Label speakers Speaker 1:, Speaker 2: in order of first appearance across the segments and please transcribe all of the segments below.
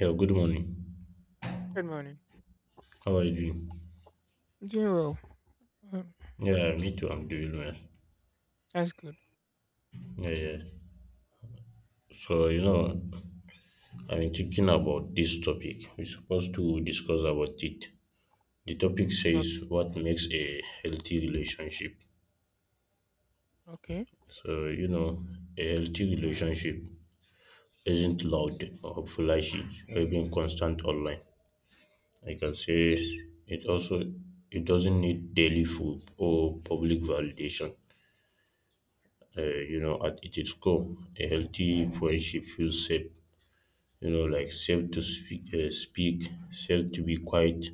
Speaker 1: Yeah, good morning.
Speaker 2: Good morning.
Speaker 1: How are you doing?
Speaker 2: I doing well. Um,
Speaker 1: Yeah, me too. I'm doing well.
Speaker 2: that's good.
Speaker 1: Yeah, yeah. So, I've been thinking about this topic. We're supposed to discuss about it. The topic
Speaker 2: O-
Speaker 1: says what makes a healthy relationship.
Speaker 2: Okay.
Speaker 1: So, a healthy relationship isn't loud or flashy or even constant online. I can say it also, it doesn't need daily food or public validation. At its core, a healthy friendship feels safe, like safe to speak, safe to be quiet,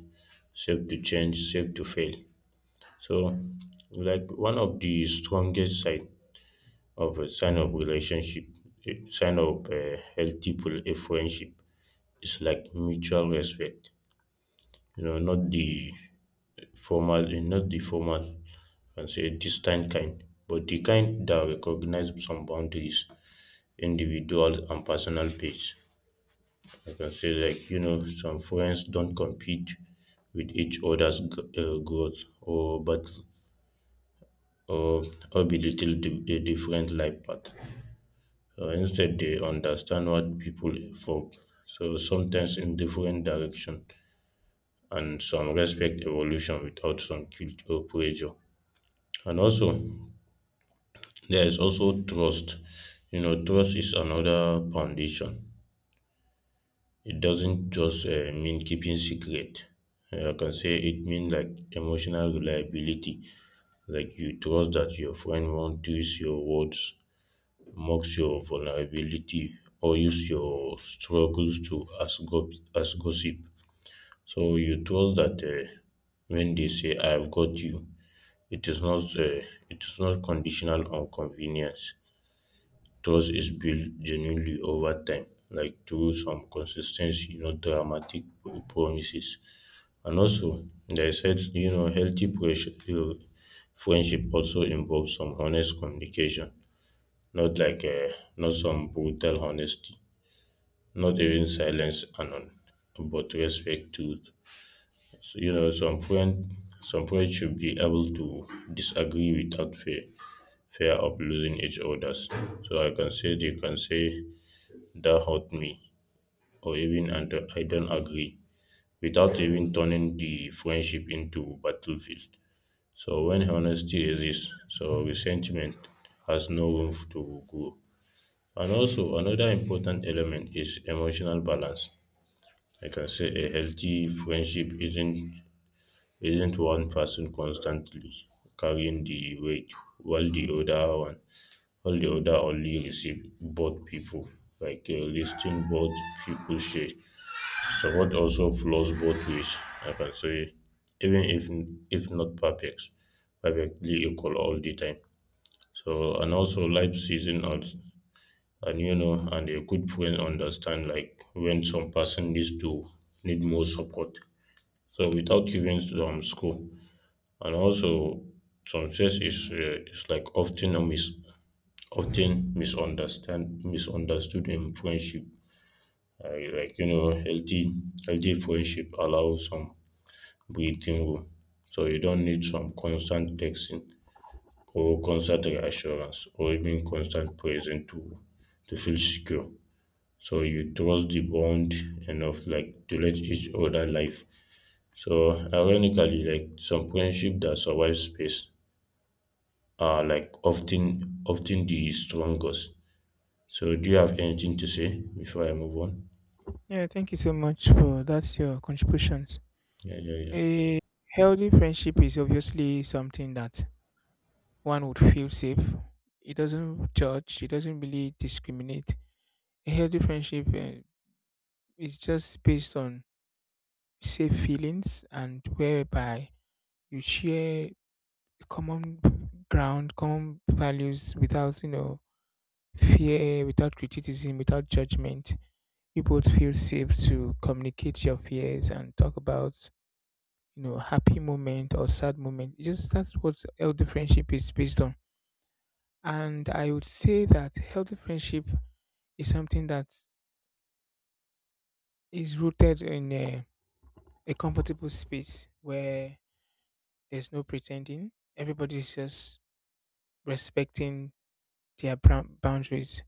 Speaker 1: safe to change, safe to fail. So, like one of the strongest sign of a sign of relationship, a sign of a healthy a friendship is like mutual respect. Not the formal, and say distant kind, but the kind that recognize some boundaries, individual and personal pace. I can say like some friends don't compete with each other's growth or but or, or belittle the different life path. Instead, they understand what people for so sometimes in different direction and some respect evolution without some guilt or pressure. And also there is also trust. Trust is another foundation, it doesn't just mean keeping secret. I can say it means like emotional reliability. Like you trust that your friend won't twist your words, mocks your vulnerability, or use your struggles to as gossip. So you trust that when they say, "I have got you," it is not uh, it is not conditional on convenience. Trust is built genuinely over time, like through some consistency, not dramatic promises. And also, they said, healthy friendship also involves some honest communication, not some brutal honesty, not even silence and all, but respect to, so, some friends should be able to disagree without fear of losing each other's. So I can say, they can say, that hurt me, or even, and I don't agree, without even turning the friendship into battlefield. So when honesty exists, so resentment has no room to grow. And also another important element is emotional balance. I can say a healthy friendship isn't one person constantly carrying the weight while the other one while the other only receive both people. Like listing both people share. Support also flows both ways. I can say even if not perfect, perfectly equal all the time. So and also life season and and a good friend understand like when some person needs to need more support. So without giving score and also success is like often a mis often misunderstand misunderstood in friendship. I like healthy friendship allows some breathing room. So you don't need some constant texting or constant reassurance or even constant presence to feel secure. So you trust the bond enough like to let each other live. So ironically, like some friendship that survive space are like often the strongest. So do you have anything to say before I move on?
Speaker 2: Yeah, thank you so much for that's your contributions.
Speaker 1: Yeah, yeah, yeah.
Speaker 2: A healthy friendship is obviously something that one would feel safe. It doesn't judge. It doesn't really discriminate. A healthy friendship is just based on safe feelings and whereby you share common ground, common values without you know fear, without criticism, without judgment you both feel safe to communicate your fears and talk about you know happy moment or sad moment. It's just that's what healthy friendship is based on, and I would say that healthy friendship is something that is rooted in a comfortable space where there's no pretending everybody's just respecting their boundaries.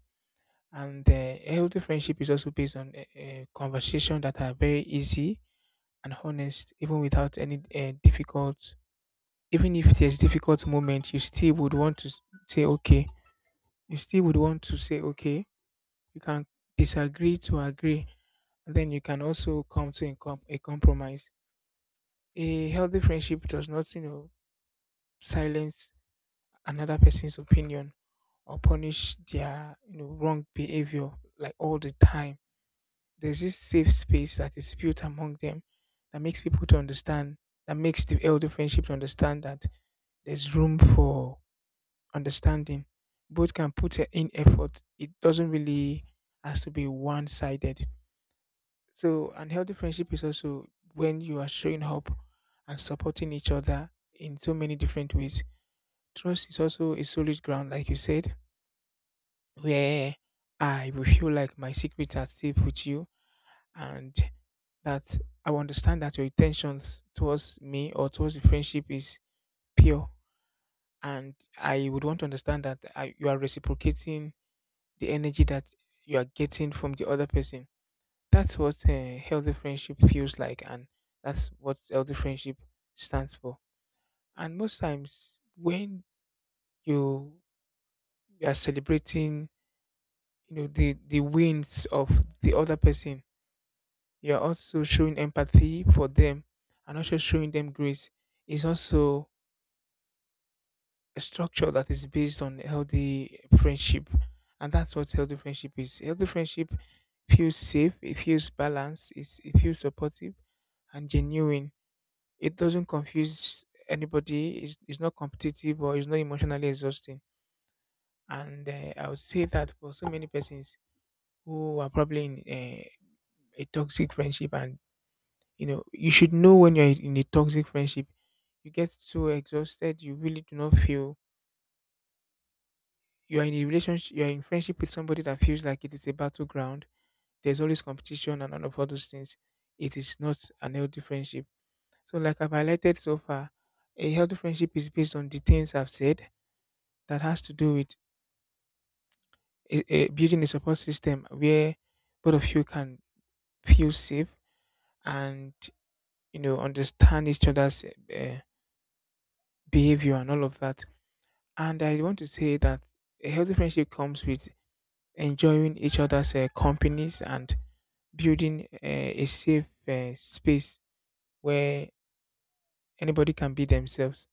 Speaker 2: And healthy friendship is also based on a conversation that are very easy and honest even without any difficult. Even if there's difficult moment, you still would want to say okay. You still would want to say okay. You can disagree to agree, and then you can also come to a, a compromise. A healthy friendship does not, you know, silence another person's opinion or punish their you know wrong behavior like all the time. There's this safe space that is built among them that makes people to understand, that makes the elder friendship to understand that there's room for understanding. Both can put their in effort. It doesn't really has to be one sided. So, an healthy friendship is also when you are showing up and supporting each other in so many different ways. Trust is also a solid ground, like you said, where I will feel like my secrets are safe with you and that I will understand that your intentions towards me or towards the friendship is pure. And I would want to understand that I, you are reciprocating the energy that you are getting from the other person. That's what healthy friendship feels like, and that's what healthy friendship stands for. And most times, when you are celebrating, you know, the wins of the other person, you are also showing empathy for them, and also showing them grace. Is also a structure that is based on healthy friendship, and that's what healthy friendship is. Healthy friendship feels safe, it feels balanced, it feels supportive and genuine. It doesn't confuse anybody, it's not competitive or it's not emotionally exhausting. And I would say that for so many persons who are probably in uh, a toxic friendship, and you know, you should know when you're in a toxic friendship, you get so exhausted, you really do not feel you are in a relationship, you are in friendship with somebody that feels like it is a battleground. There's always competition and all those things. It is not an healthy friendship. So, like I've highlighted so far, a healthy friendship is based on the things I've said that has to do with building a support system where both of you can feel safe and you know understand each other's behavior and all of that. And I want to say that a healthy friendship comes with enjoying each other's companies and building a safe space where anybody can be themselves.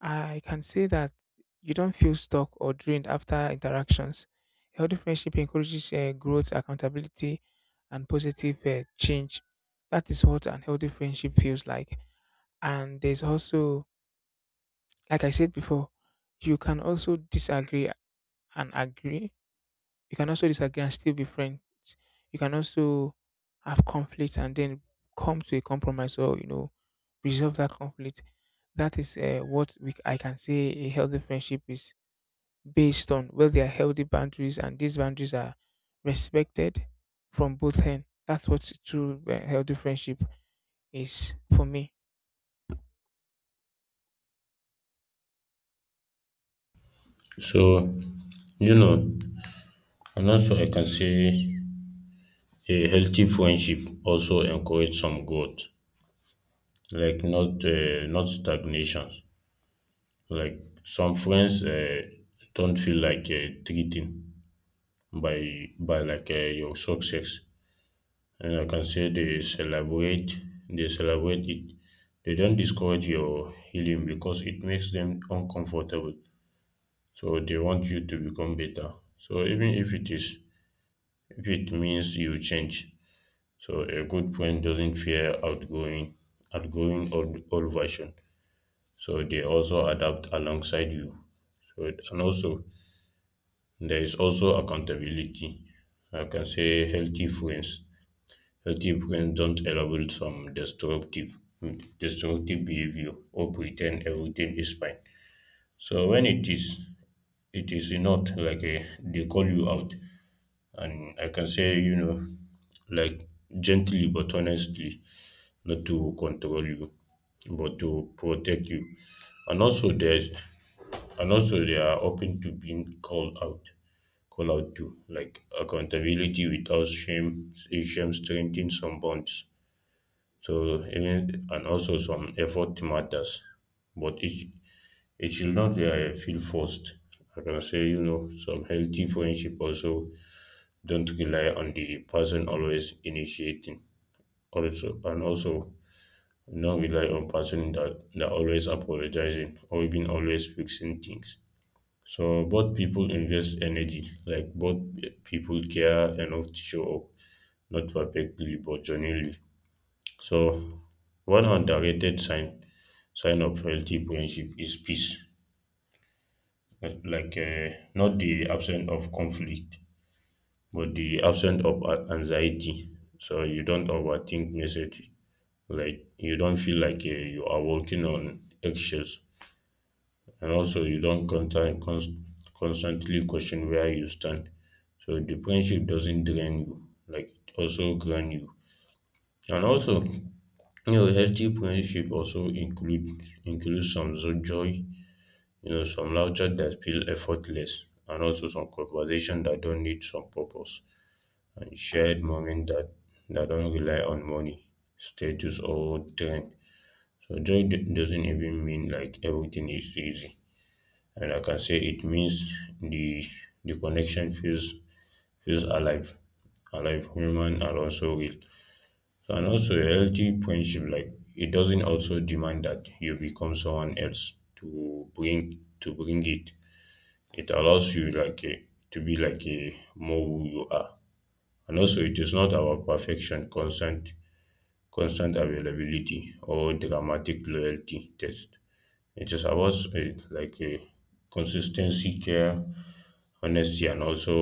Speaker 2: I can say that you don't feel stuck or drained after interactions. A healthy friendship encourages growth, accountability, and positive change. That is what an healthy friendship feels like. And there's also, like I said before, you can also disagree and agree. You can also disagree and still be friends. You can also have conflict and then come to a compromise or, you know, resolve that conflict. That is what we, I can say a healthy friendship is based on, where there are healthy boundaries and these boundaries are respected from both ends. That's what true healthy friendship is for me.
Speaker 1: So, you know, and also I can say a healthy friendship also encourage some growth, like not stagnation. Like some friends don't feel like treating by like your success, and I can say they celebrate it. They don't discourage your healing because it makes them uncomfortable. So they want you to become better. So even if it means you change. So a good friend doesn't fear outgrowing old version. So they also adapt alongside you. So and also there is also accountability. I can say healthy friends. Healthy friends don't elaborate some destructive behavior or pretend everything is fine. So when it is not they call you out, and I can say like gently but honestly, not to control you but to protect you. And also there's and also, they are open to being called out to like accountability without shame. Shame strengthens some bonds. So even and also some effort matters, but it should not feel forced. I can say some healthy friendship also don't rely on the person always initiating. Also and also not rely on person that always apologizing or even always fixing things. So both people invest energy, like both people care enough to show up, not perfectly but genuinely. So one underrated sign of healthy friendship is peace, like not the absence of conflict, but the absence of anxiety. So you don't overthink message, like you don't feel like you are working on eggshells, and also you don't constantly question where you stand. So the friendship doesn't drain you, like it also ground you. And also, healthy friendship also includes some joy, some laughter that feel effortless, and also some conversation that don't need some purpose, and shared moment that don't rely on money, status, or trend. So joy doesn't even mean like everything is easy. And I can say it means the the connection feels alive, human, and also real. So, and also a healthy friendship, like it doesn't also demand that you become someone else to bring it. It allows you to be like a more who you are, and also it is not about perfection, constant availability, or dramatic loyalty test. It is about like a consistency, care, honesty, and also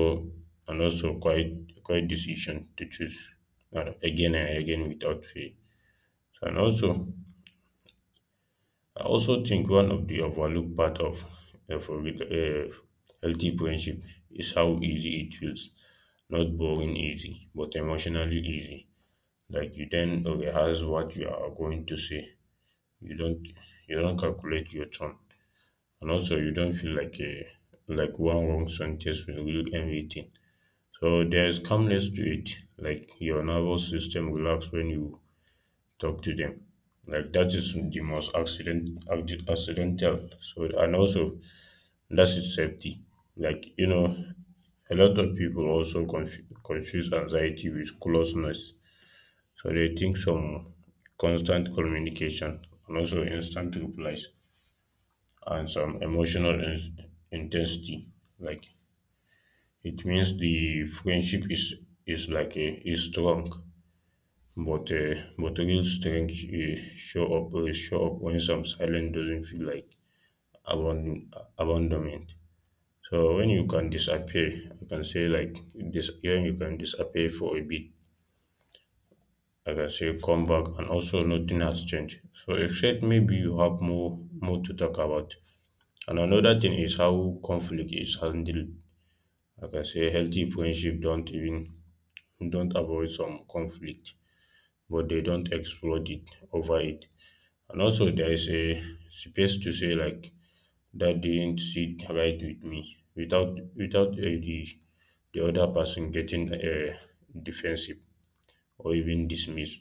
Speaker 1: quite decision to choose again and again without fail. So, and also, I also think one of the overlooked part of a healthy friendship is how easy it feels. Not boring easy, but emotionally easy. Like you then rehearse what you are going to say. You don't you don't calculate your tone, and also you don't feel like a like one wrong sentence will ruin everything. So there is calmness to it. Like your nervous system relax when you talk to them. Like that is the most accidental. So and also that's its safety. Like a lot of people also confuse anxiety with closeness. So they think some constant communication and also instant replies and some emotional intensity, like it means the friendship is like a is strong, but but real strength show up when some silence doesn't feel like abandon, abandonment. So when you can disappear, I can say like this. When you can disappear for a bit, like I can say come back, and also nothing has changed. So except maybe you have more to talk about. And another thing is how conflict is handled. Like I can say healthy friendship don't avoid some conflict, but they don't explode it over it. And also there is a space to say like that didn't sit right with me without the other person getting defensive or even dismissed.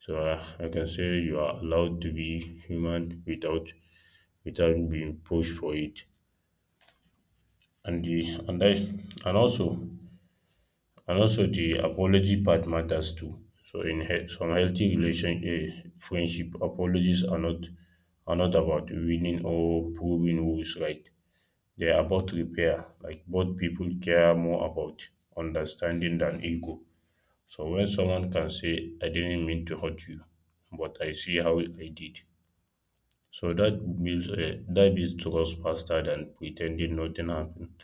Speaker 1: So I can say you are allowed to be human without being pushed for it. And the and I and also And also the apology part matters too. So in some healthy friendship, apologies are not about winning or proving who is right. They are about repair. Like both people care more about understanding than ego. So when someone can say, "I didn't mean to hurt you, but I see how I did," so that builds a that builds trust faster than pretending nothing happened.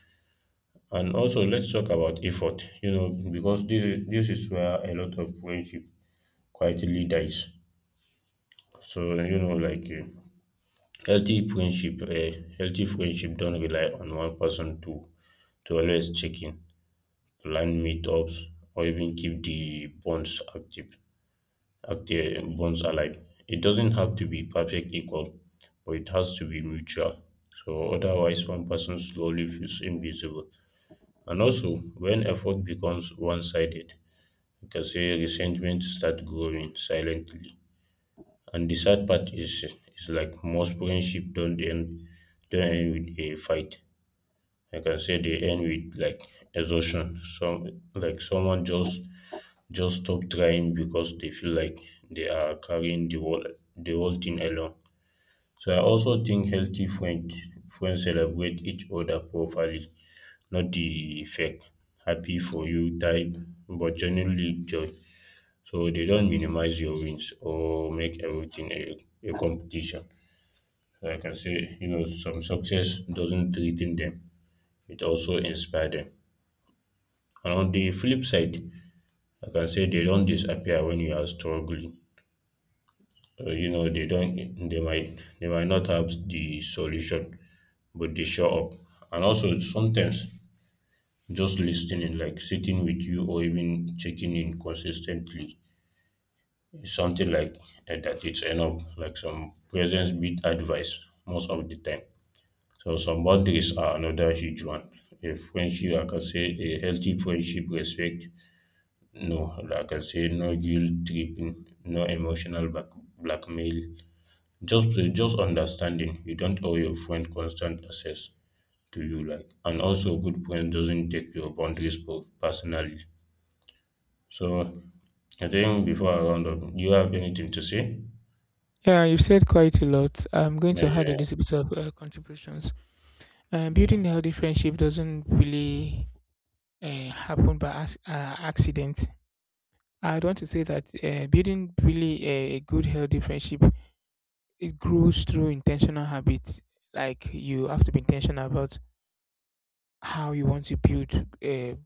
Speaker 1: And also, let's talk about effort, because this is where a lot of friendship quietly dies. So, healthy friendship don't rely on one person to always check in, plan meetups, or even keep the bonds active, active bonds alive. It doesn't have to be perfect equal, but it has to be mutual. So otherwise, one person slowly feels invisible. And also, when effort becomes one sided, you can say resentment start growing silently. And the sad part is like most friendship don't end with a fight. I can say they end with like exhaustion. Someone just stop trying because they feel like they are carrying the whole thing alone. So I also think healthy friends celebrate each other properly, not the fake happy for you type, but genuinely joy. So they don't minimize your wins or make everything a competition. Like I say, some success doesn't threaten them, it also inspires them. And on the flip side, I can say they don't disappear when you are struggling. Uh, you know, they don't they might not have the solution, but they show up. And also sometimes just listening, like sitting with you or even checking in consistently. It's something like that it's enough, like some presence beat advice most of the time. So some boundaries are another huge one. A friendship, I can say, a healthy friendship respect, no, like I can say no guilt tripping, no emotional back, blackmail. Just just understanding. You don't owe your friend constant access to you, like, and also a good friend doesn't take your boundaries personally. So I think before I round up, do you have anything to say?
Speaker 2: Yeah, you've said quite a lot. I'm going
Speaker 1: Yeah,
Speaker 2: to add a
Speaker 1: yeah,
Speaker 2: little bit of contributions.
Speaker 1: yeah.
Speaker 2: Building a healthy friendship doesn't really happen by accident. I'd want to say that building really a good healthy friendship, it grows through intentional habits. Like you have to be intentional about how you want to build a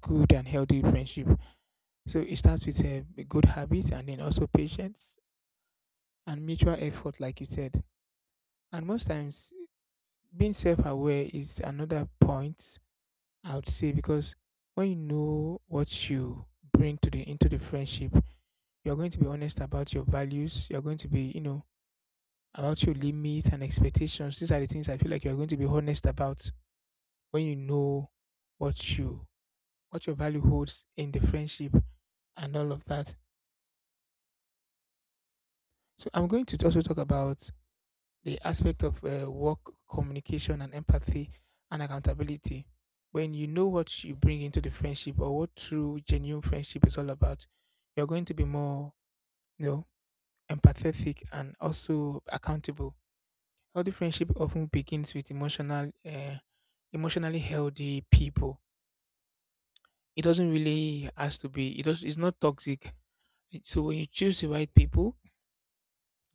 Speaker 2: good and healthy friendship. So it starts with a good habits and then also patience and mutual effort, like you said. And most times, being self aware is another point I would say, because when you know what you bring to the into the friendship, you're going to be honest about your values. You're going to be, you know, about your limits and expectations. These are the things I feel like you're going to be honest about when you know what you what your value holds in the friendship and all of that. So I'm going to also talk about the aspect of work communication and empathy and accountability. When you know what you bring into the friendship or what true genuine friendship is all about, you're going to be more, you know, empathetic and also accountable. Healthy friendship often begins with emotionally healthy people. It doesn't really has to be. It does, it's not toxic. So when you choose the right people,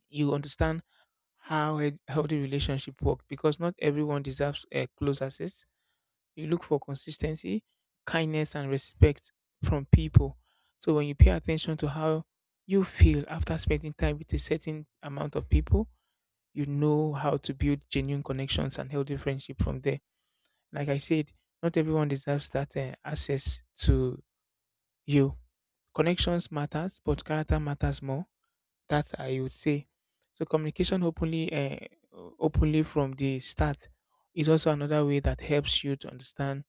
Speaker 2: you understand how a healthy relationship work because not everyone deserves close access. You look for consistency, kindness, and respect from people. So when you pay attention to how you feel after spending time with a certain amount of people, you know how to build genuine connections and healthy friendship from there. Like I said, not everyone deserves that access to you. Connections matters, but character matters more, that I would say. So communication openly from the start is also another way that helps you to understand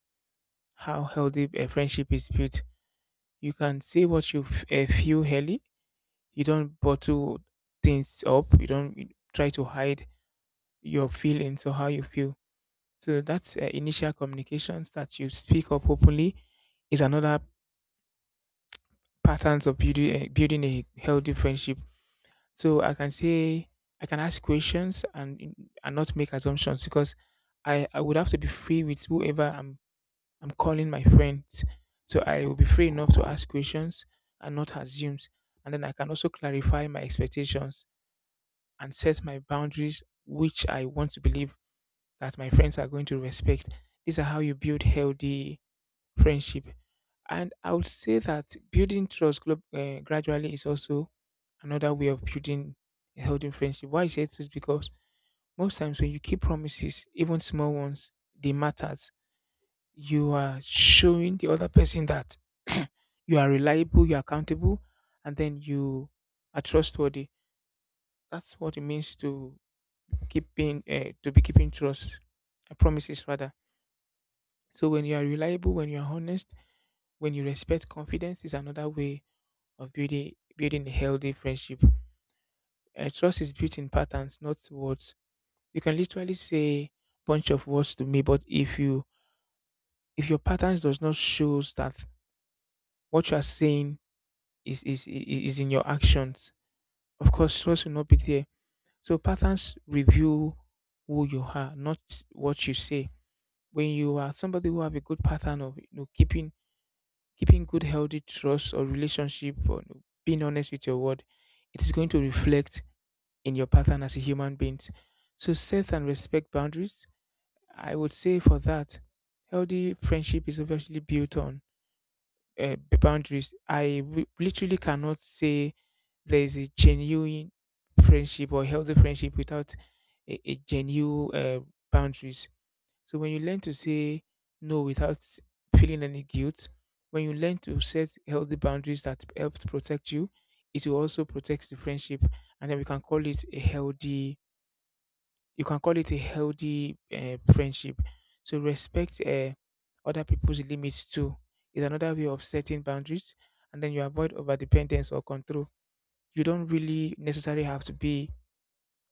Speaker 2: how healthy a friendship is built. You can say what you feel early. You don't bottle things up. You don't you try to hide your feelings or how you feel. So that's initial communications, that you speak up openly is another patterns of building a healthy friendship. So I can say I can ask questions and and not make assumptions, because I would have to be free with whoever I'm calling my friends. So I will be free enough to ask questions and not assume. And then I can also clarify my expectations and set my boundaries, which I want to believe that my friends are going to respect. These are how you build healthy friendship. And I would say that building trust gradually is also another way of building a healthy friendship. Why I say this? Is because most times when you keep promises, even small ones, they matters. You are showing the other person that you are reliable, you are accountable, and then you are trustworthy. That's what it means to keeping to be keeping trust promises rather. So when you are reliable, when you are honest, when you respect confidence, is another way of building a healthy friendship. Trust is built in patterns, not words. You can literally say bunch of words to me, but if you if your patterns does not shows that what you are saying is is in your actions, of course trust will not be there. So patterns reveal who you are, not what you say. When you are somebody who have a good pattern of you know keeping good healthy trust or relationship or you know, being honest with your word, it is going to reflect in your pattern as a human beings. So set and respect boundaries. I would say for that, healthy friendship is obviously built on boundaries. Literally cannot say there is a genuine friendship or healthy friendship without a genuine boundaries. So when you learn to say no without feeling any guilt, when you learn to set healthy boundaries that help to protect you, it will also protect the friendship, and then we can call it a healthy you can call it a healthy friendship. So respect other people's limits too is another way of setting boundaries, and then you avoid over dependence or control. You don't really necessarily have to be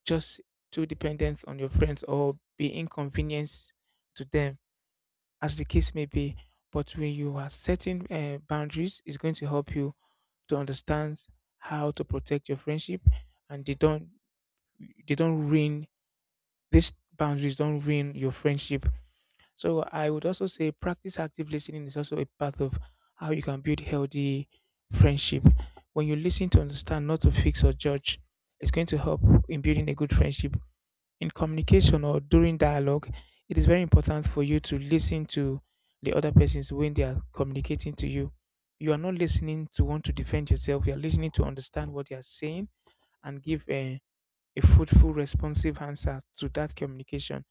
Speaker 2: just too dependent on your friends or be inconvenienced to them, as the case may be. But when you are setting boundaries, it's going to help you to understand how to protect your friendship, and they don't ruin these boundaries don't ruin your friendship. So I would also say practice active listening is also a part of how you can build healthy friendship. When you listen to understand, not to fix or judge, it's going to help in building a good friendship. In communication or during dialogue, it is very important for you to listen to the other persons when they are communicating to you. You are not listening to want to defend yourself. You are listening to understand what they are saying and give a fruitful, responsive answer to that communication,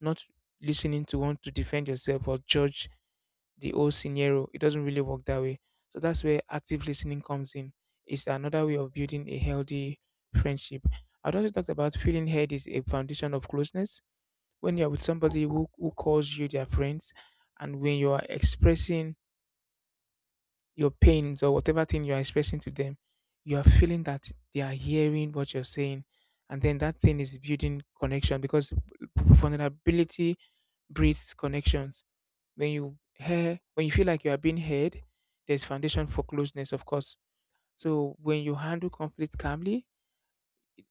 Speaker 2: not listening to want to defend yourself or judge the whole scenario. It doesn't really work that way. So that's where active listening comes in. It's another way of building a healthy friendship. I'd also talked about feeling heard is a foundation of closeness. When you're with somebody who calls you their friends, and when you are expressing your pains or whatever thing you are expressing to them, you are feeling that they are hearing what you're saying. And then that thing is building connection because vulnerability breeds connections. When you hear, when you feel like you are being heard, there's foundation for closeness, of course. So when you handle conflict calmly,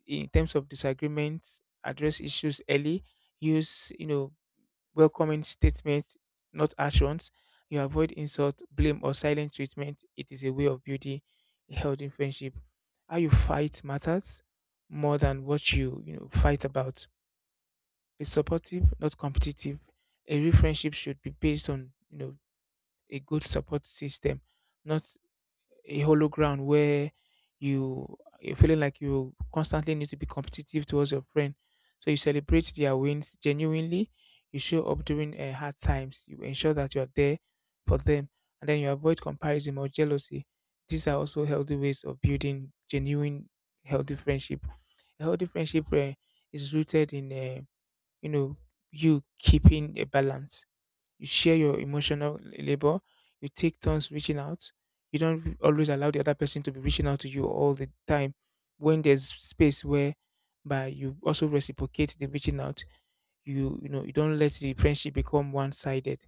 Speaker 2: in terms of disagreements, address issues early, use you know welcoming statements, not actions. You avoid insult, blame, or silent treatment. It is a way of building a healthy friendship. How you fight matters more than what you know fight about. Be supportive, not competitive. Every friendship should be based on you know a good support system, not a hollow ground where you're feeling like you constantly need to be competitive towards your friend. So you celebrate their wins genuinely. You show up during hard times. You ensure that you are there for them, and then you avoid comparison or jealousy. These are also healthy ways of building genuine, healthy friendship. A healthy friendship is rooted in, you know, you keeping a balance, you share your emotional labor. You take turns reaching out. You don't always allow the other person to be reaching out to you all the time. When there's space where by you also reciprocate the reaching out, you know, you don't let the friendship become one sided.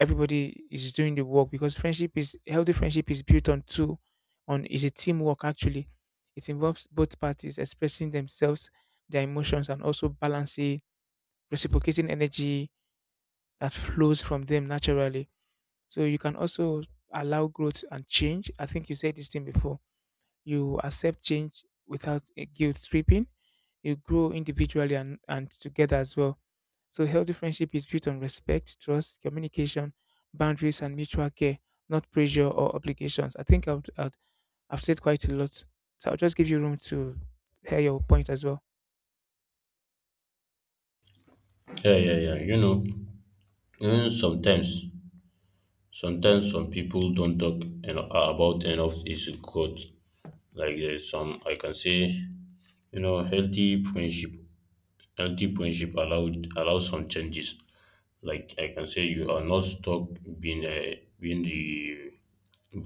Speaker 2: Everybody is doing the work because friendship is healthy friendship is built on two on is a teamwork actually. It involves both parties expressing themselves, their emotions and also balancing reciprocating energy that flows from them naturally. So you can also allow growth and change. I think you said this thing before. You accept change without a guilt tripping. You grow individually and together as well. So healthy friendship is built on respect, trust, communication, boundaries, and mutual care, not pressure or obligations. I think I've said quite a lot. So I'll just give you room to hear your point as well.
Speaker 1: Yeah, yeah, yeah. You know, even sometimes, sometimes some people don't talk about enough is good. Like, there's some, I can say, you know, healthy friendship. Healthy friendship allowed allows some changes. Like I can say, you are not stuck being the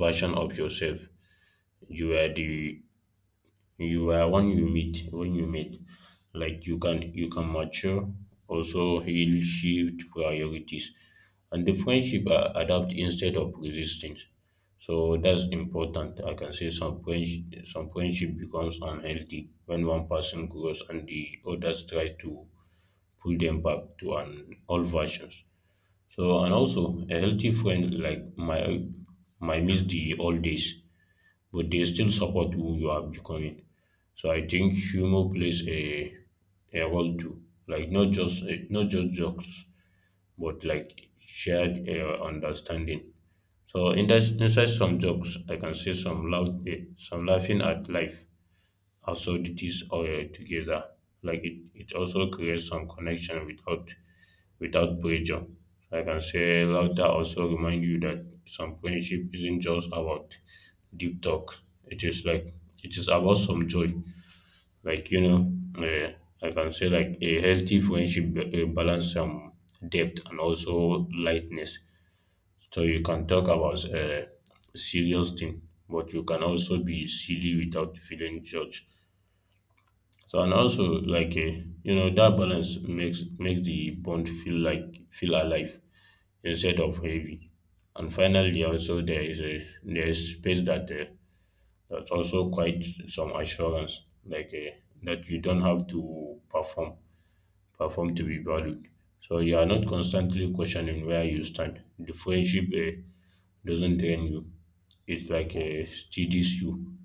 Speaker 1: version of yourself. You are the, you are when you meet, like you can mature, also heal, shift priorities, and the friendship adapt instead of resistance. So that's important. I can say some friendship becomes unhealthy when one person grows and the others try to pull them back to an old versions. So, and also a healthy friend, like my miss the old days, but they still support who you are becoming. So I think humor plays a role too, like not just jokes, but like shared understanding. So in that, inside some jokes, I can see some laugh, some laughing at life, absurdities together. Like it also creates some connection without pressure. Like I can say laughter also remind you that some friendship isn't just about deep talk. It is like it is about some joy. Like, you know, uh, like I can say, like, a healthy friendship balance some depth and also lightness. So you can talk about serious thing, but you can also be silly without feeling judged. So, and also, like, you know, that balance makes the bond feel feel alive instead of heavy. And finally, also, there is space that that also quite some assurance, like, that you don't have to perform to be valued. So you are not constantly questioning where you stand. The friendship doesn't drain you. It like steadies you,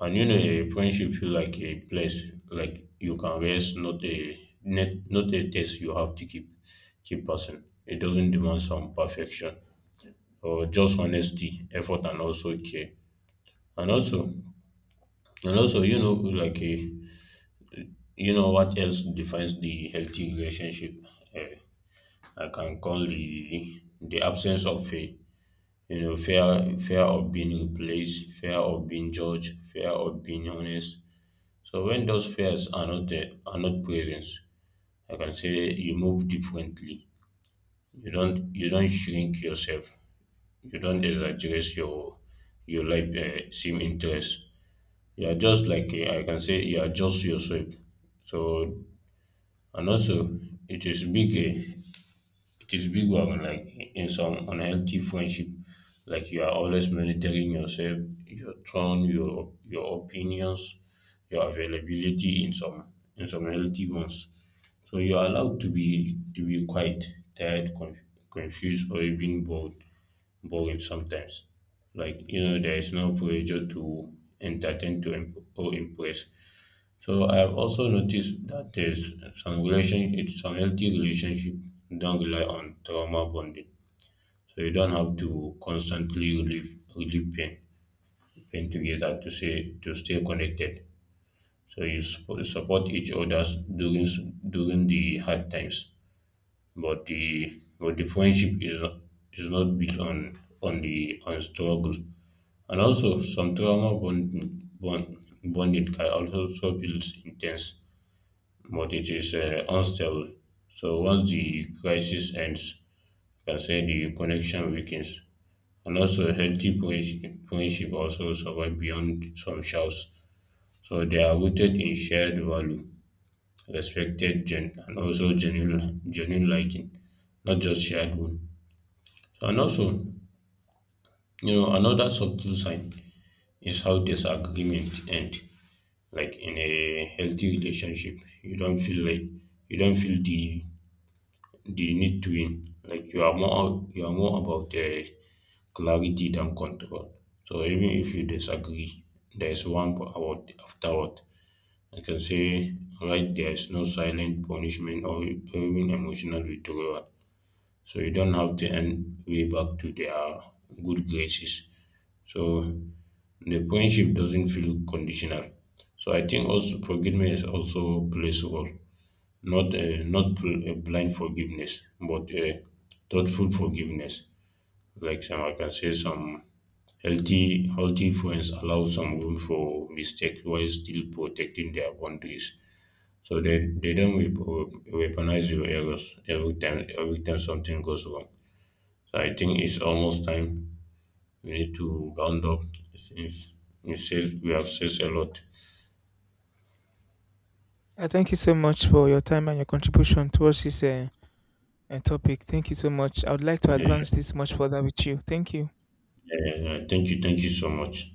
Speaker 1: and you know, a friendship feel like a place like you can rest, not a net, not a test you have to keep passing. It doesn't demand some perfection or just honesty, effort, and also care. And also, and also, you know, like a, you know what else defines the healthy relationship? Eh, I can call the absence of fear. You know, fear of being replaced, fear of being judged, fear of being honest. So when those fears are not there, are not present, I can say you move differently. You don't shrink yourself. You don't exaggerate your life seem interest. You are just like I can say you adjust yourself. So, and also, it is big. It is big one, like in some unhealthy friendship, like you are always monitoring yourself, your tone, your opinions, your availability in some healthy ones. So you are allowed to be quiet, tired, confused, or even bored, boring sometimes. Like, you know, there is no pressure to entertain, to imp- or impress. So I've also noticed that there's some relationship, some healthy relationship don't rely on trauma bonding. So you don't have to constantly relieve pain, pain together to say to stay connected. So you support each other during s- during the hard times, but the friendship is not built on the on struggle. And also, some trauma bonding can also so feels intense, but it is unstable. So once the crisis ends, you can say the connection weakens. And also, a healthy friendship also survive beyond some shouts. So they are rooted in shared value, respected gen, and also genuine liking, not just shared one. And also, you know, another subtle sign is how disagreement end. Like in a healthy relationship, you don't feel like you don't feel the need to win. Like you are more, you are more about the clarity than control. So even if you disagree, there is one p- about afterward. I can say, right, there is no silent punishment or even emotional withdrawal. So you don't have to end way back to their good graces. So the friendship doesn't feel conditional. So I think also forgiveness also plays a role. Not not blind forgiveness, but thoughtful forgiveness. Like some, I can say some healthy friends allow some room for mistakes while still protecting their boundaries. So they don't weaponize your errors every time something goes wrong. So I think it's almost time we need to round up since we said we have said a lot.
Speaker 2: Thank you so much for your time and your contribution towards this topic. Thank you so much. I would like to
Speaker 1: Yeah, yeah,
Speaker 2: advance this much further with you. Thank you.
Speaker 1: yeah, yeah. Thank you so much.